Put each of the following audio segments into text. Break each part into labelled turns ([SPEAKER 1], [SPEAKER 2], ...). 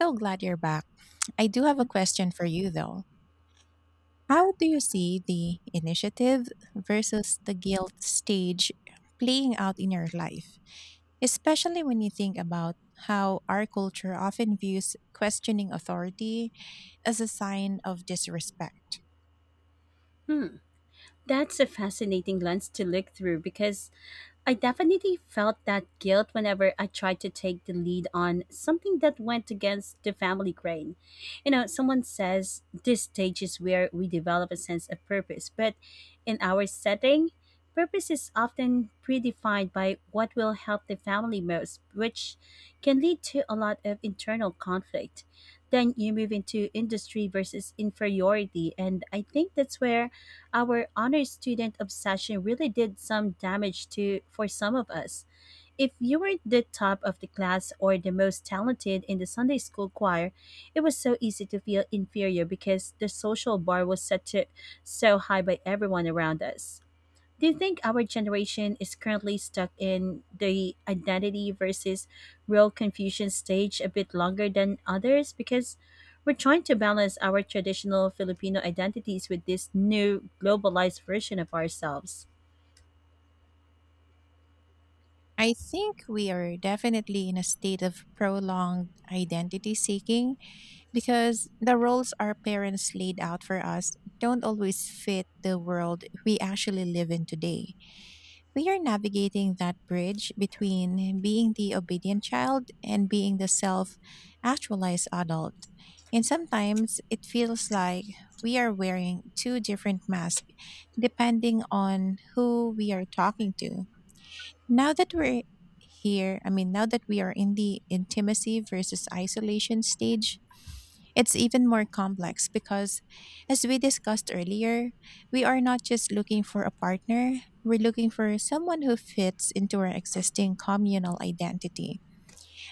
[SPEAKER 1] So glad you're back. I do have a
[SPEAKER 2] Yeah.
[SPEAKER 1] question for you though. How do you see the initiative versus the guilt stage playing out in your life? Especially when you think about how our culture often views questioning authority as a sign of disrespect.
[SPEAKER 2] Hmm, that's a fascinating lens to look through, because I definitely felt that guilt whenever I tried to take the lead on something that went against the family grain. You know, someone says this stage is where we develop a sense of purpose, but in our setting, purpose is often predefined by what will help the family most, which can lead to a lot of internal conflict. Then you move into industry versus inferiority, and I think that's where our honor student obsession really did some damage to for some of us. If you weren't the top of the class or the most talented in the Sunday school choir, it was so easy to feel inferior because the social bar was set to so high by everyone around us. Do you think our generation is currently stuck in the identity versus real confusion stage a bit longer than others? Because we're trying to balance our traditional Filipino identities with this new globalized version of ourselves.
[SPEAKER 1] I think we are definitely in a state of prolonged identity seeking because the roles our parents laid out for us don't always fit the world we actually live in today. We are navigating that bridge between being the obedient child and being the self actualized adult. And sometimes it feels like we are wearing two different masks depending on who we are talking to. Now that we're here, I mean, now that we are in the intimacy versus isolation stage, it's even more complex because, as we discussed earlier, we are not just looking for a partner, we're looking for someone who fits into our existing communal identity.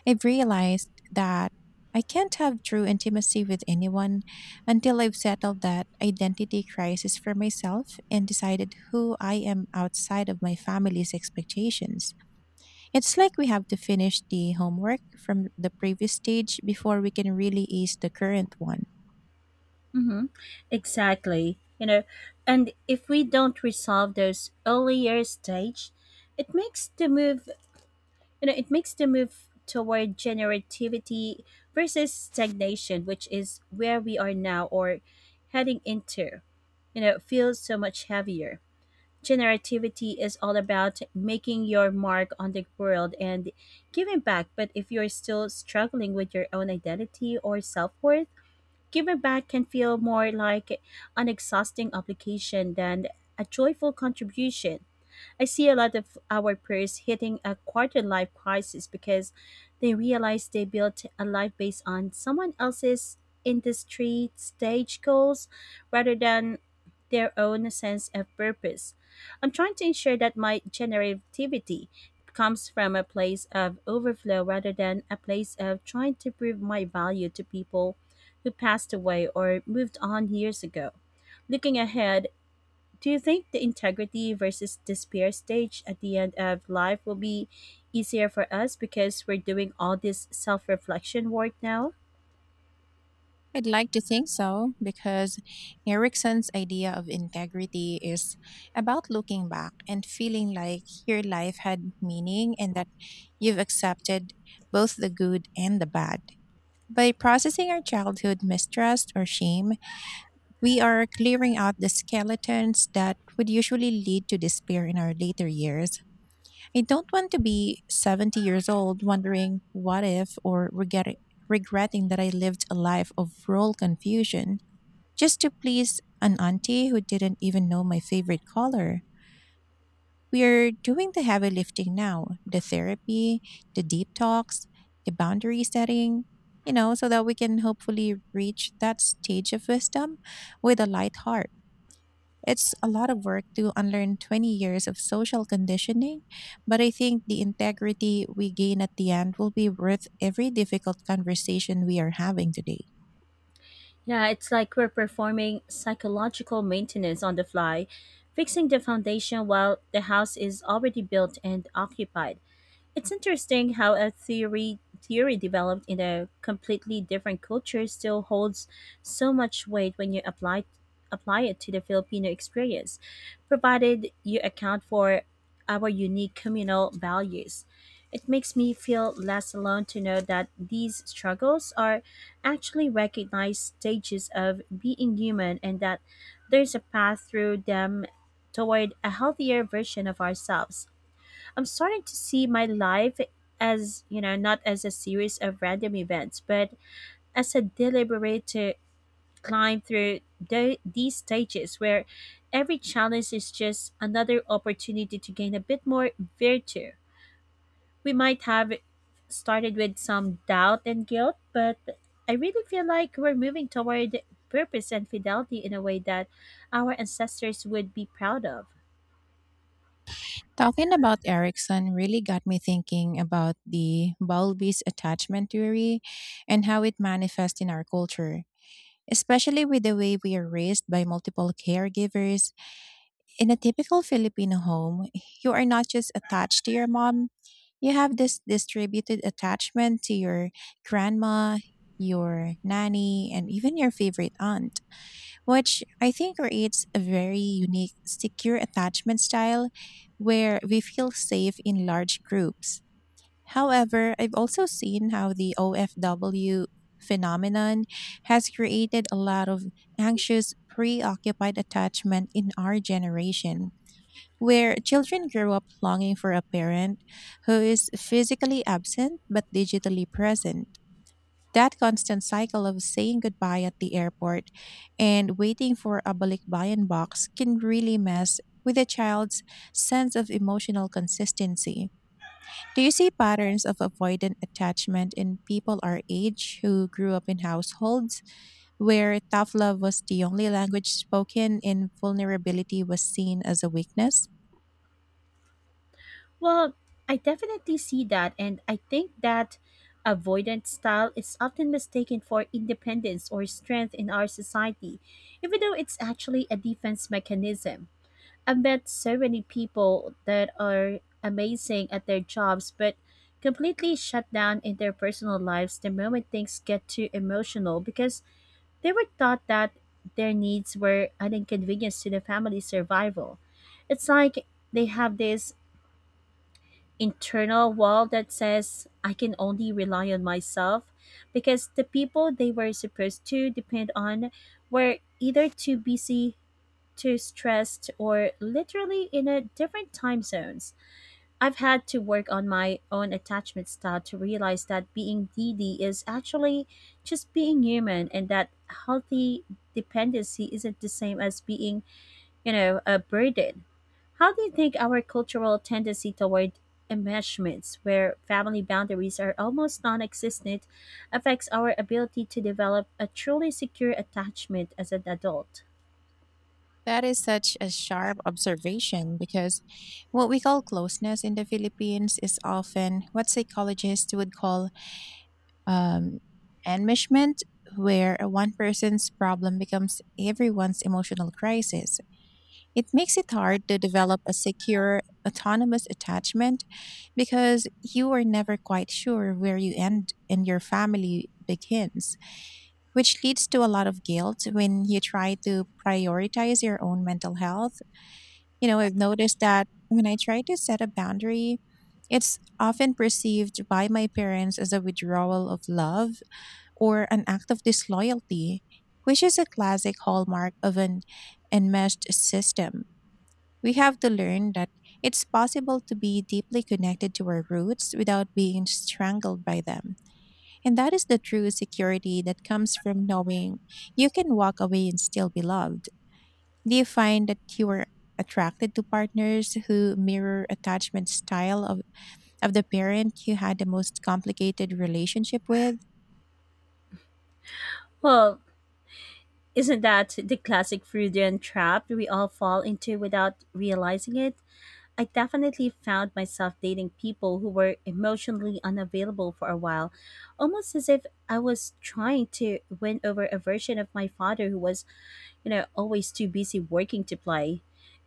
[SPEAKER 1] I've realized that I can't have true intimacy with anyone until I've settled that identity crisis for myself and decided who I am outside of my family's expectations. It's like we have to finish the homework from the previous stage before we can really ease the current one.
[SPEAKER 2] Mm-hmm. Exactly. You know, and if we don't resolve those earlier stage, it makes the move it makes the move toward generativity versus stagnation, which is where we are now or heading into, feels so much heavier. Generativity is all about making your mark on the world and giving back, but if you're still struggling with your own identity or self-worth, giving back can feel more like an exhausting obligation than a joyful contribution. I see a lot of our peers hitting a quarter life crisis because they realize they built a life based on someone else's industry stage goals rather than their own sense of purpose. I'm trying to ensure that my generativity comes from a place of overflow rather than a place of trying to prove my value to people who passed away or moved on years ago. Looking ahead, do you think the integrity versus despair stage at the end of life will be easier for us because we're doing all this self reflection work now?
[SPEAKER 1] I'd like to think so, because Erickson's idea of integrity is about looking back and feeling like your life had meaning and that you've accepted both the good and the bad. By processing our childhood mistrust or shame, we are clearing out the skeletons that would usually lead to despair in our later years. I don't want to be 70 years old wondering what if, or regretting that I lived a life of role confusion just to please an auntie who didn't even know my favorite color. We're doing the heavy lifting now: the therapy, the deep talks, the boundary setting, so that we can hopefully reach that stage of wisdom with a light heart. It's a lot of work to unlearn 20 years of social conditioning, but I think the integrity we gain at the end will be worth every difficult conversation we are having today.
[SPEAKER 2] Yeah, it's like we're performing psychological maintenance on the fly, fixing the foundation while the house is already built and occupied. It's interesting how a theory developed in a completely different culture still holds so much weight when you apply it to the Filipino experience, provided you account for our unique communal values. It makes me feel less alone to know that these struggles are actually recognized stages of being human, and that there's a path through them toward a healthier version of ourselves. I'm starting to see my life as not as a series of random events, but as a deliberate to climb through these stages, where every challenge is just another opportunity to gain a bit more virtue. We might have started with some doubt and guilt, but I really feel like we're moving toward purpose and fidelity in a way that our ancestors would be proud of.
[SPEAKER 1] Talking about Erickson really got me thinking about the Bowlby's attachment theory and how it manifests in our culture, especially with the way we are raised by multiple caregivers. In a typical Filipino home, you are not just attached to your mom, you have this distributed attachment to your grandma, your nanny, and even your favorite aunt, which I think creates a very unique, secure attachment style where we feel safe in large groups. However, I've also seen how the OFW phenomenon has created a lot of anxious, preoccupied attachment in our generation, where children grow up longing for a parent who is physically absent but digitally present. That constant cycle of saying goodbye at the airport and waiting for a balikbayan box can really mess with a child's sense of emotional consistency. Do you see patterns of avoidant attachment in people our age who grew up in households where tough love was the only language spoken and vulnerability was seen as a weakness?
[SPEAKER 2] Well, I definitely see that, and I think that avoidant style is often mistaken for independence or strength in our society, even though it's actually a defense mechanism. I've met so many people that are amazing at their jobs but completely shut down in their personal lives the moment things get too emotional, because they were taught that their needs were an inconvenience to the family's survival. It's like they have this internal wall that says I can only rely on myself, because the people they were supposed to depend on were either too busy, too stressed, or literally in a different time zones. I've had to work on my own attachment style to realize that being needy is actually just being human, and that healthy dependency isn't the same as being, you know, a burden. How do you think our cultural tendency toward enmeshments, where family boundaries are almost non existent, affects our ability to develop a truly secure attachment as an adult?
[SPEAKER 1] That is such a sharp observation, because what we call closeness in the Philippines is often what psychologists would call um, enmeshment, where one person's problem becomes everyone's emotional crisis. It makes it hard to develop a secure, autonomous attachment because you are never quite sure where you end and your family begins, which leads to a lot of guilt when you try to prioritize your own mental health. I've noticed that when I try to set a boundary, it's often perceived by my parents as a withdrawal of love or an act of disloyalty, which is a classic hallmark of an enmeshed system. We have to learn that it's possible to be deeply connected to our roots without being strangled by them. And that is the true security that comes from knowing you can walk away and still be loved. Do you find that you are attracted to partners who mirror attachment style of the parent you had the most complicated relationship with?
[SPEAKER 2] Well, isn't that the classic Freudian trap we all fall into without realizing it? I definitely found myself dating people who were emotionally unavailable for a while, almost as if I was trying to win over a version of my father who was, you know, always too busy working to play.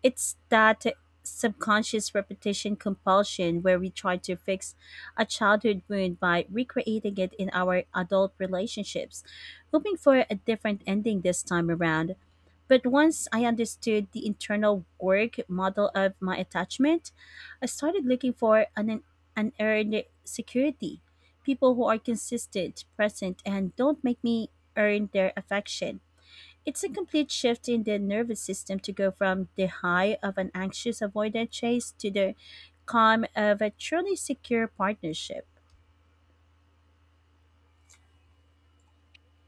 [SPEAKER 2] It's that subconscious repetition compulsion where we try to fix a childhood wound by recreating it in our adult relationships, hoping for a different ending this time around. But once I understood the internal work model of my attachment, I started looking for an unearned security. People who are consistent, present, and don't make me earn their affection. It's a complete shift in the nervous system to go from the high of an anxious avoidant chase to the calm of a truly secure partnership.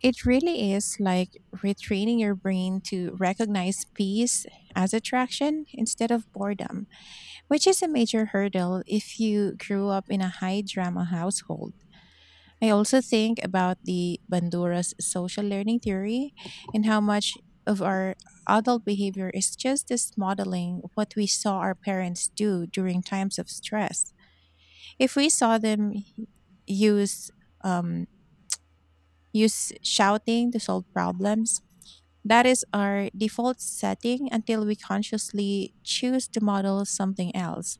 [SPEAKER 1] It really is like retraining your brain to recognize peace as attraction instead of boredom, which is a major hurdle if you grew up in a high drama household. I also think about the Bandura's social learning theory and how much of our adult behavior is just this modeling what we saw our parents do during times of stress. If we saw them use um, use shouting to solve problems, that is our default setting until we consciously choose to model something else,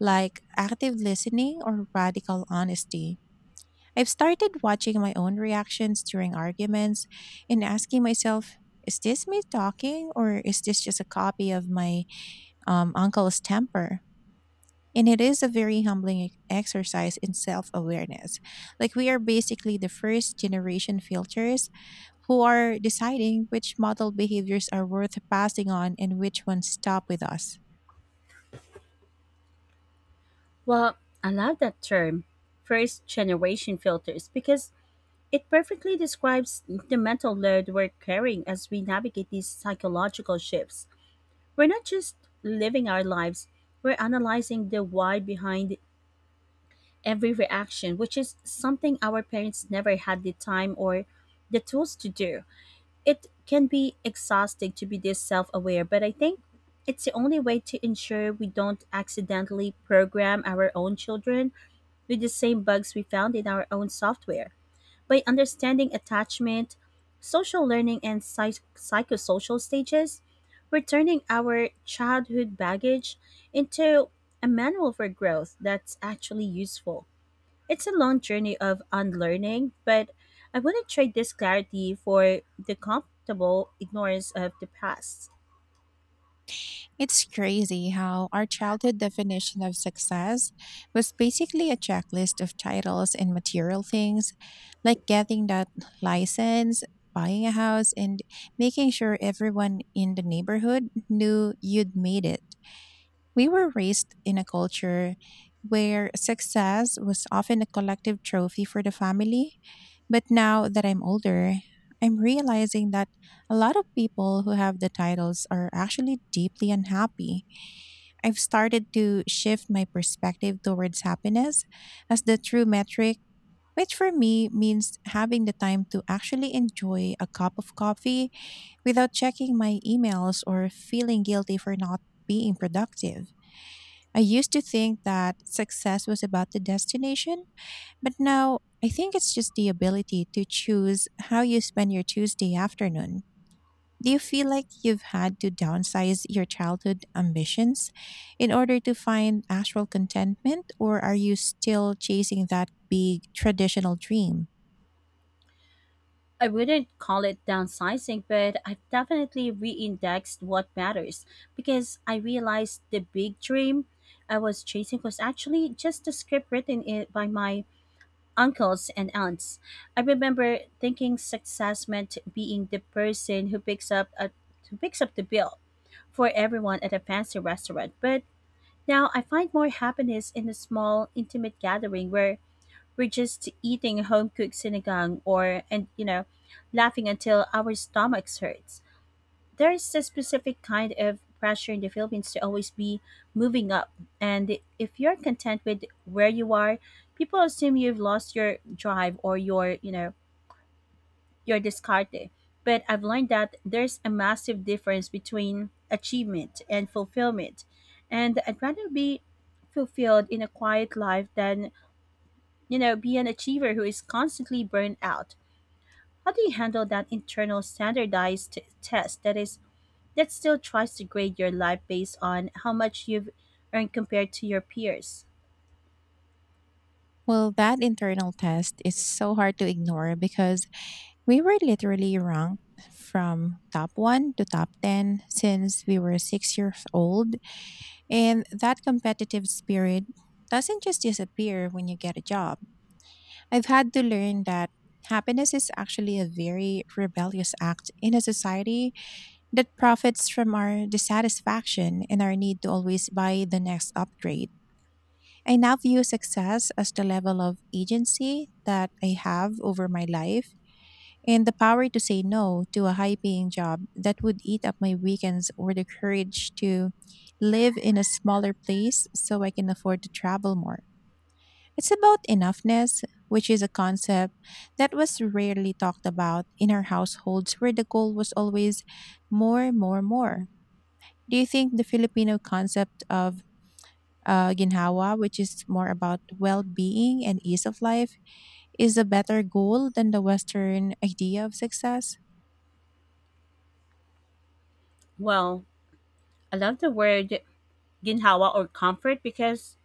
[SPEAKER 1] like active listening or radical honesty. I've started watching my own reactions during arguments and asking myself, is this me talking, or is this just a copy of my uncle's temper? And it is a very humbling exercise in self awareness. Like, we are basically the first generation filters who are deciding which model behaviors are worth passing on and which ones stop with us.
[SPEAKER 2] Well, I love that term, first generation filters, because it perfectly describes the mental load we're carrying as we navigate these psychological shifts. We're not just living our lives, we're analyzing the why behind every reaction, which is something our parents never had the time or the tools to do. It can be exhausting to be this self aware, but I think it's the only way to ensure we don't accidentally program our own children with the same bugs we found in our own software. By understanding attachment, social learning, and psychosocial stages, we're turning our childhood baggage into a manual for growth that's actually useful. It's a long journey of unlearning, but I wouldn't trade this clarity for the comfortable ignorance of the past.
[SPEAKER 1] It's crazy how our childhood definition of success was basically a checklist of titles and material things, like getting that license, buying a house, and making sure everyone in the neighborhood knew you'd made it. We were raised in a culture where success was often a collective trophy for the family, but now that I'm older, I'm realizing that a lot of people who have the titles are actually deeply unhappy. I've started to shift my perspective towards happiness as the true metric, which for me means having the time to actually enjoy a cup of coffee without checking my emails or feeling guilty for not being productive. I used to think that success was about the destination, but now I think it's just the ability to choose how you spend your Tuesday afternoon. Do you feel like you've had to downsize your childhood ambitions in order to find actual contentment, or are you still chasing that big traditional dream?
[SPEAKER 2] I wouldn't call it downsizing, but I've definitely re-indexed what matters, because I realized the big dream I was chasing was actually just a script written by my uncles and aunts. I remember thinking success meant being the person who who picks up the bill for everyone at a fancy restaurant, but now, I find more happiness in a small, intimate gathering where we're just eating home cooked sinigang and, laughing until our stomachs hurts. There's a specific kind of pressure in the Philippines to always be moving up. And if you're content with where you are, people assume you've lost your drive or your discarte. But I've learned that there's a massive difference between achievement and fulfillment. And I'd rather be fulfilled in a quiet life than, be an achiever who is constantly burned out. How do you handle that internal standardized test that still tries to grade your life based on how much you've earned compared to your peers?
[SPEAKER 1] Well, that internal test is so hard to ignore, because we were literally ranked from top one to top 10 since we were 6 years old. And that competitive spirit doesn't just disappear when you get a job. I've had to learn that happiness is actually a very rebellious act in a society that profits from our dissatisfaction and our need to always buy the next upgrade. I now view success as the level of agency that I have over my life, and the power to say no to a high paying job that would eat up my weekends, or the courage to live in a smaller place so I can afford to travel more. It's about enoughness, which is a concept that was rarely talked about in our households, where the goal was always more, more, more. Do you think the Filipino concept of ginhawa, which is more about well being and ease of life, is a better goal than the Western idea of success?
[SPEAKER 2] Well, I love the word ginhawa, or comfort, because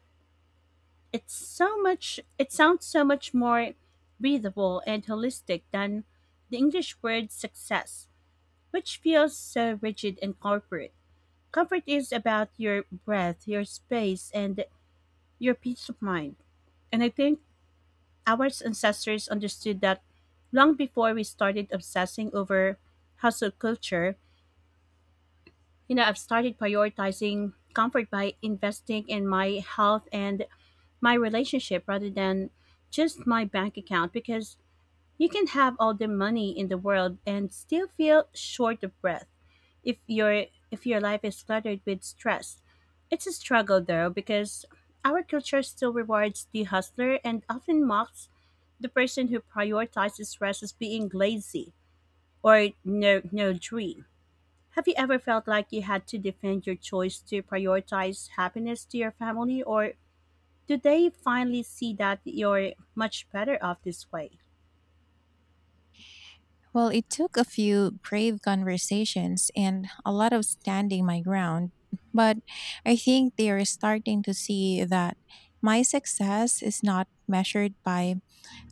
[SPEAKER 2] it sounds so much more breathable and holistic than the English word success, which feels so rigid and corporate. Comfort is about your breath, your space, and your peace of mind. And I think our ancestors understood that long before we started obsessing over hustle culture. You know, I've started prioritizing comfort by investing in my health and my relationship rather than just my bank account, because you can have all the money in the world and still feel short of breath. If your life is cluttered with stress, it's a struggle, though, because our culture still rewards the hustler and often mocks the person who prioritizes rest as being lazy or no dream. Have you ever felt like you had to defend your choice to prioritize happiness to your family, or do they finally see that you're much better off this way?
[SPEAKER 1] Well, it took a few brave conversations and a lot of standing my ground, but I think they are starting to see that my success is not measured by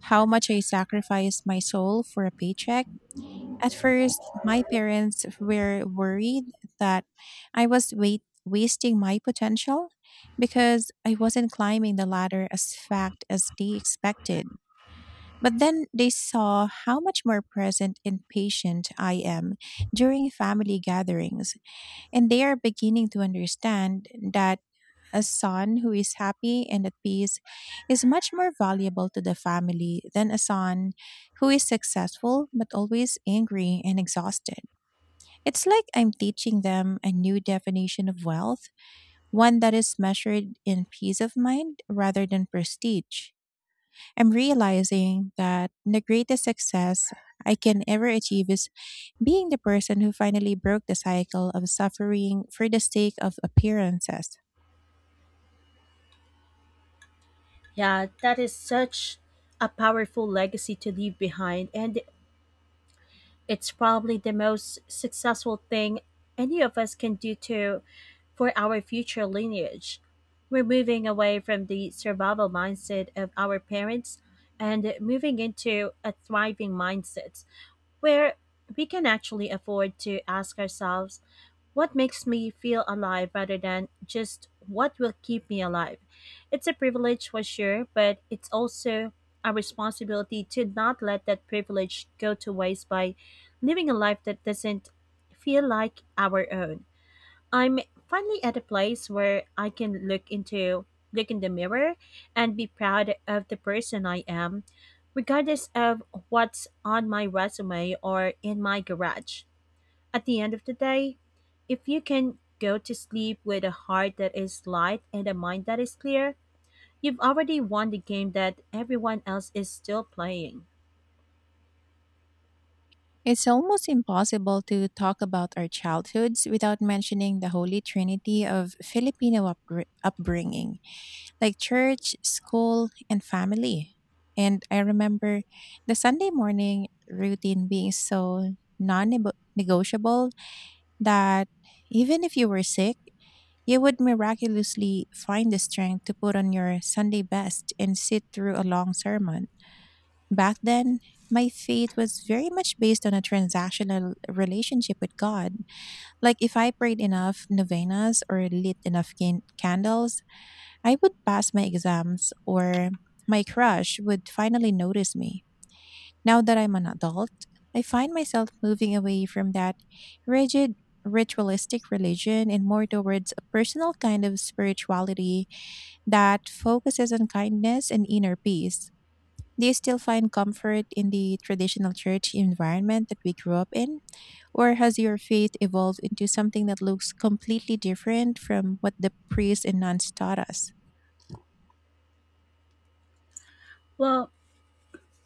[SPEAKER 1] how much I sacrifice my soul for a paycheck. At first, my parents were worried that I was wasting my potential because I wasn't climbing the ladder as fast as they expected. But then they saw how much more present and patient I am during family gatherings, and they are beginning to understand that a son who is happy and at peace is much more valuable to the family than a son who is successful but always angry and exhausted. It's like I'm teaching them a new definition of wealth, one that is measured in peace of mind rather than prestige. I'm realizing that the greatest success I can ever achieve is being the person who finally broke the cycle of suffering for the sake of appearances.
[SPEAKER 2] Yeah, that is such a powerful legacy to leave behind, and it's probably the most successful thing any of us can do to for our future lineage. We're moving away from the survival mindset of our parents and moving into a thriving mindset, where we can actually afford to ask ourselves what makes me feel alive rather than just what will keep me alive. It's a privilege for sure, but it's also a responsibility to not let that privilege go to waste by living a life that doesn't feel like our own. I'm finally at a place where I can look in the mirror and be proud of the person I am, regardless of what's on my resume or in my garage. At the end of the day, if you can go to sleep with a heart that is light and a mind that is clear, you've already won the game that everyone else is still playing.
[SPEAKER 1] It's almost impossible to talk about our childhoods without mentioning the holy trinity of Filipino upbringing, like church, school, and family. And I remember the Sunday morning routine being so non negotiable that even if you were sick, you would miraculously find the strength to put on your Sunday best and sit through a long sermon. Back then, my faith was very much based on a transactional relationship with God. Like, if I prayed enough novenas or lit enough candles, I would pass my exams or my crush would finally notice me. Now that I'm an adult, I find myself moving away from that rigid, ritualistic religion and more towards a personal kind of spirituality that focuses on kindness and inner peace. Do you still find comfort in the traditional church environment that we grew up in? Or has your faith evolved into something that looks completely different from what the priests and nuns taught us?
[SPEAKER 2] Well,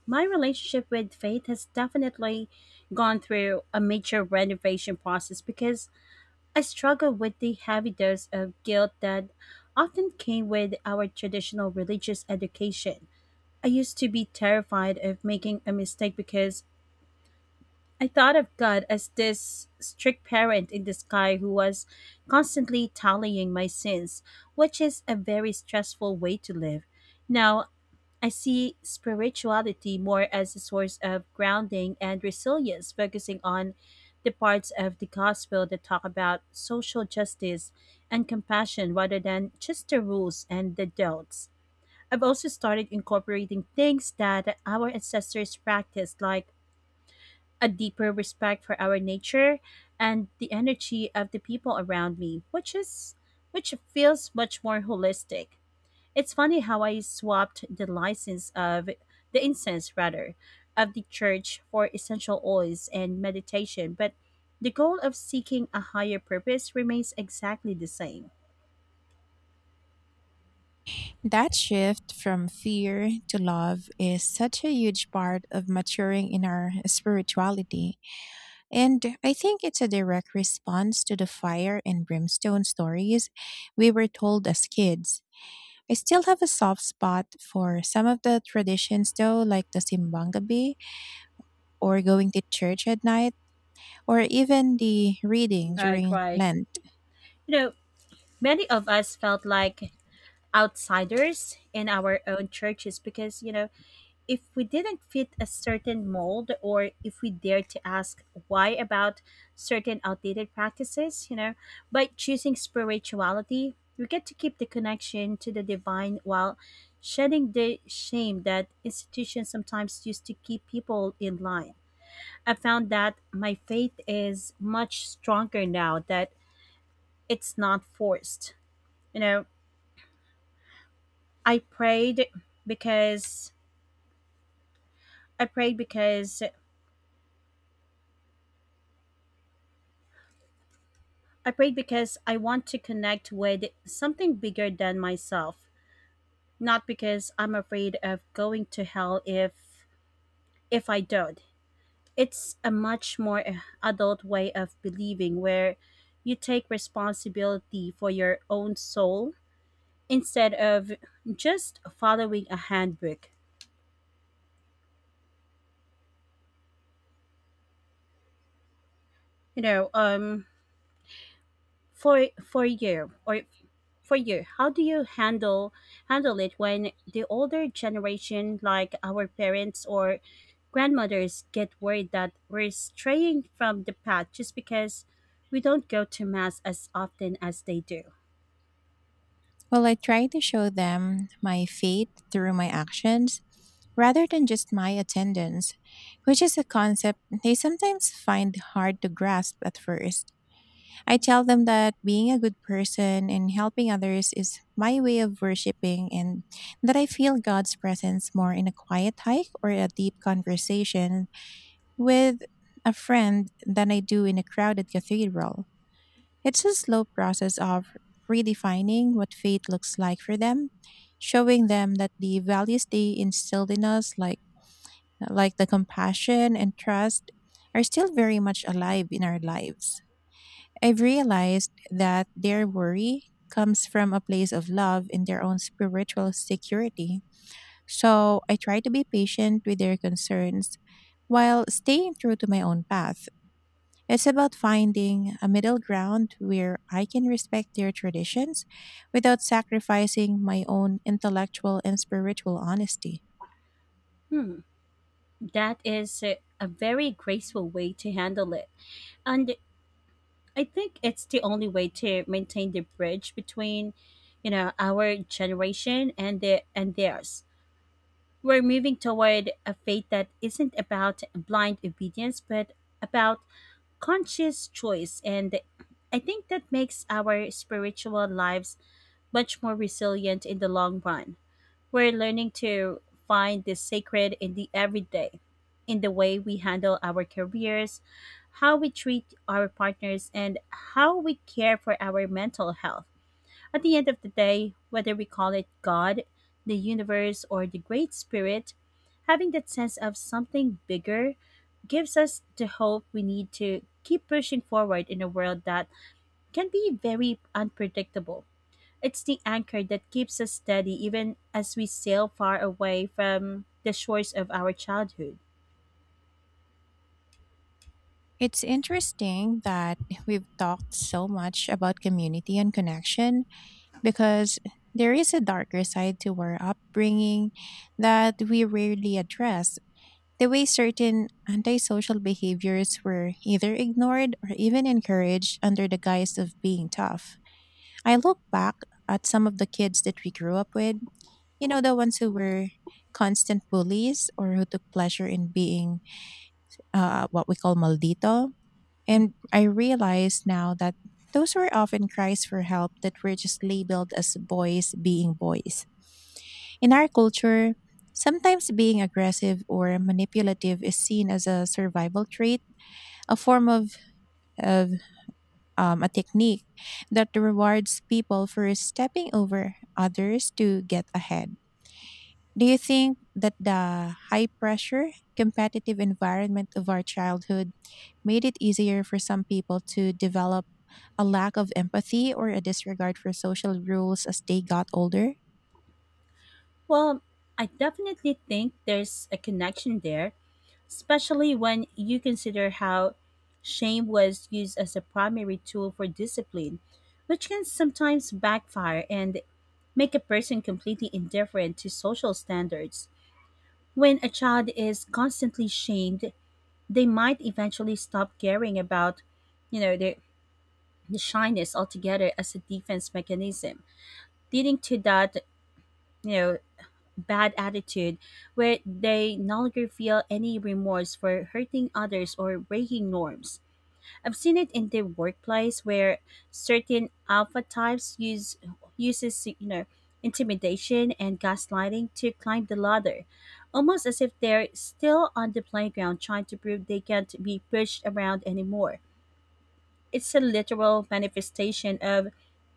[SPEAKER 2] my relationship with faith has definitely gone through a major renovation process, because I struggle with the heavy dose of guilt that often came with our traditional religious education. I used to be terrified of making a mistake because I thought of God as this strict parent in the sky who was constantly tallying my sins, which is a very stressful way to live. Now, I see spirituality more as a source of grounding and resilience, focusing on the parts of the gospel that talk about social justice and compassion rather than just the rules and the don'ts. I've also started incorporating things that our ancestors practiced, like a deeper respect for our nature and the energy of the people around me, which feels much more holistic. It's funny how I swapped the license of the incense rather of the church for essential oils and meditation, but the goal of seeking a higher purpose remains exactly the same.
[SPEAKER 1] That shift from fear to love is such a huge part of maturing in our spirituality. And I think it's a direct response to the fire and brimstone stories we were told as kids. I still have a soft spot for some of the traditions, though, like the Simbangabi, or going to church at night, or even the reading
[SPEAKER 2] Right,
[SPEAKER 1] during
[SPEAKER 2] right.
[SPEAKER 1] Lent.
[SPEAKER 2] You know, many of us felt like outsiders in our own churches because, if we didn't fit a certain mold or if we dared to ask why about certain outdated practices, by choosing spirituality, we get to keep the connection to the divine while shedding the shame that institutions sometimes use to keep people in line. I found that my faith is much stronger now that it's not forced. You know, I prayed because I prayed because I prayed because I want to connect with something bigger than myself, not because I'm afraid of going to hell if I don't. It's a much more adult way of believing where you take responsibility for your own soul instead of just following a handbook. you know um for for you or for you, how do you handle it when the older generation, like our parents or grandmothers, get worried that we're straying from the path just because we don't go to mass as often as they do?
[SPEAKER 1] Well, I try to show them my faith through my actions rather than just my attendance, which is a concept they sometimes find hard to grasp at first. I tell them that being a good person and helping others is my way of worshiping, and that I feel God's presence more in a quiet hike or a deep conversation with a friend than I do in a crowded cathedral. It's a slow process of redefining what faith looks like for them, showing them that the values they instilled in us, like the compassion and trust, are still very much alive in our lives. I've realized that their worry comes from a place of love in their own spiritual security. So I try to be patient with their concerns while staying true to my own path. It's about finding a middle ground where I can respect their traditions without sacrificing my own intellectual and spiritual honesty.
[SPEAKER 2] Hmm. That is a very graceful way to handle it, and I think it's the only way to maintain the bridge between, you know, our generation and theirs. We're moving toward a faith that isn't about blind obedience, but about conscious choice. And I think that makes our spiritual lives much more resilient in the long run. We're learning to find the sacred in the everyday, in the way we handle our careers, how we treat our partners, and how we care for our mental health. At the end of the day, whether we call it God, the universe, or the Great Spirit, having that sense of something bigger gives us the hope we need to keep pushing forward in a world that can be very unpredictable. It's the anchor that keeps us steady even as we sail far away from the shores of our childhood.
[SPEAKER 1] It's interesting that we've talked so much about community and connection because there is a darker side to our upbringing that we rarely address. The way certain antisocial behaviors were either ignored or even encouraged under the guise of being tough. I look back at some of the kids that we grew up with, you know, the ones who were constant bullies or who took pleasure in being what we call maldito, and I realize now that those were often cries for help that were just labeled as boys being boys. In our culture, sometimes being aggressive or manipulative is seen as a survival trait, a form of a technique that rewards people for stepping over others to get ahead. Do you think that the high pressure, competitive environment of our childhood made it easier for some people to develop a lack of empathy, or a disregard for social rules as they got older?
[SPEAKER 2] Well, I definitely think there's a connection there, especially when you consider how shame was used as a primary tool for discipline, which can sometimes backfire and make a person completely indifferent to social standards. When a child is constantly shamed, they might eventually stop caring about, you know, the shyness altogether as a defense mechanism, leading to that, you know, bad attitude where they no longer feel any remorse for hurting others or breaking norms. I've seen it in the workplace where certain alpha types use uses you know intimidation and gaslighting to climb the ladder, almost as if they're still on the playground trying to prove they can't be pushed around anymore. It's a literal manifestation of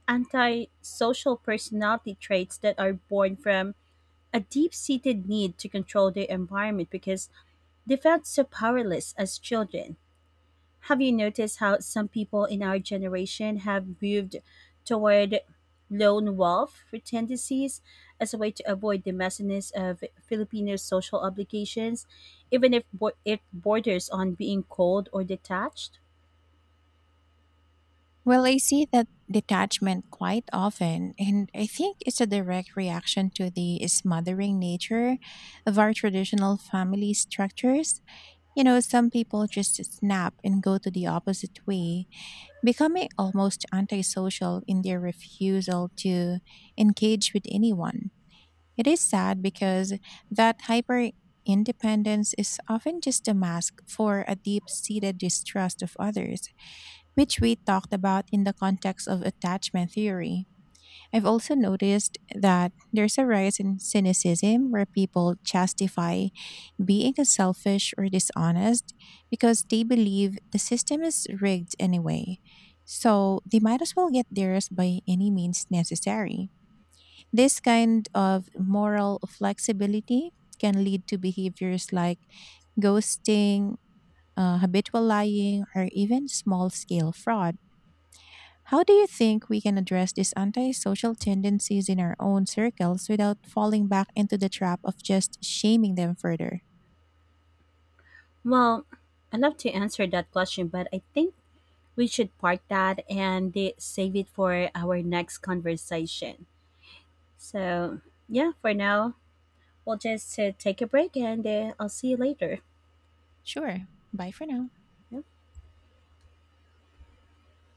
[SPEAKER 2] antisocial personality traits that are born from a deep seated need to control their environment because they felt so powerless as children. Have you noticed how some people in our generation have moved toward lone wolf tendencies as a way to avoid the messiness of Filipino social obligations, even if it borders on being cold or detached?
[SPEAKER 1] Well, I see that detachment quite often, and I think it's a direct reaction to the smothering nature of our traditional family structures. You know, some people just snap and go to the opposite way, becoming almost antisocial in their refusal to engage with anyone. It is sad because that hyper independence is often just a mask for a deep seated distrust of others, which we talked about in the context of attachment theory. I've also noticed that there's a rise in cynicism where people justify being selfish or dishonest because they believe the system is rigged anyway. So they might as well get theirs by any means necessary. This kind of moral flexibility can lead to behaviors like ghosting, habitual lying, or even small scale fraud. How do you think we can address these antisocial tendencies in our own circles without falling back into the trap of just shaming them further?
[SPEAKER 2] Well, I'd love to answer that question, but I think we should park that and save it for our next conversation. So, yeah, for now, we'll just take a break, and I'll see you later.
[SPEAKER 1] Sure. Bye for now.
[SPEAKER 2] Yeah.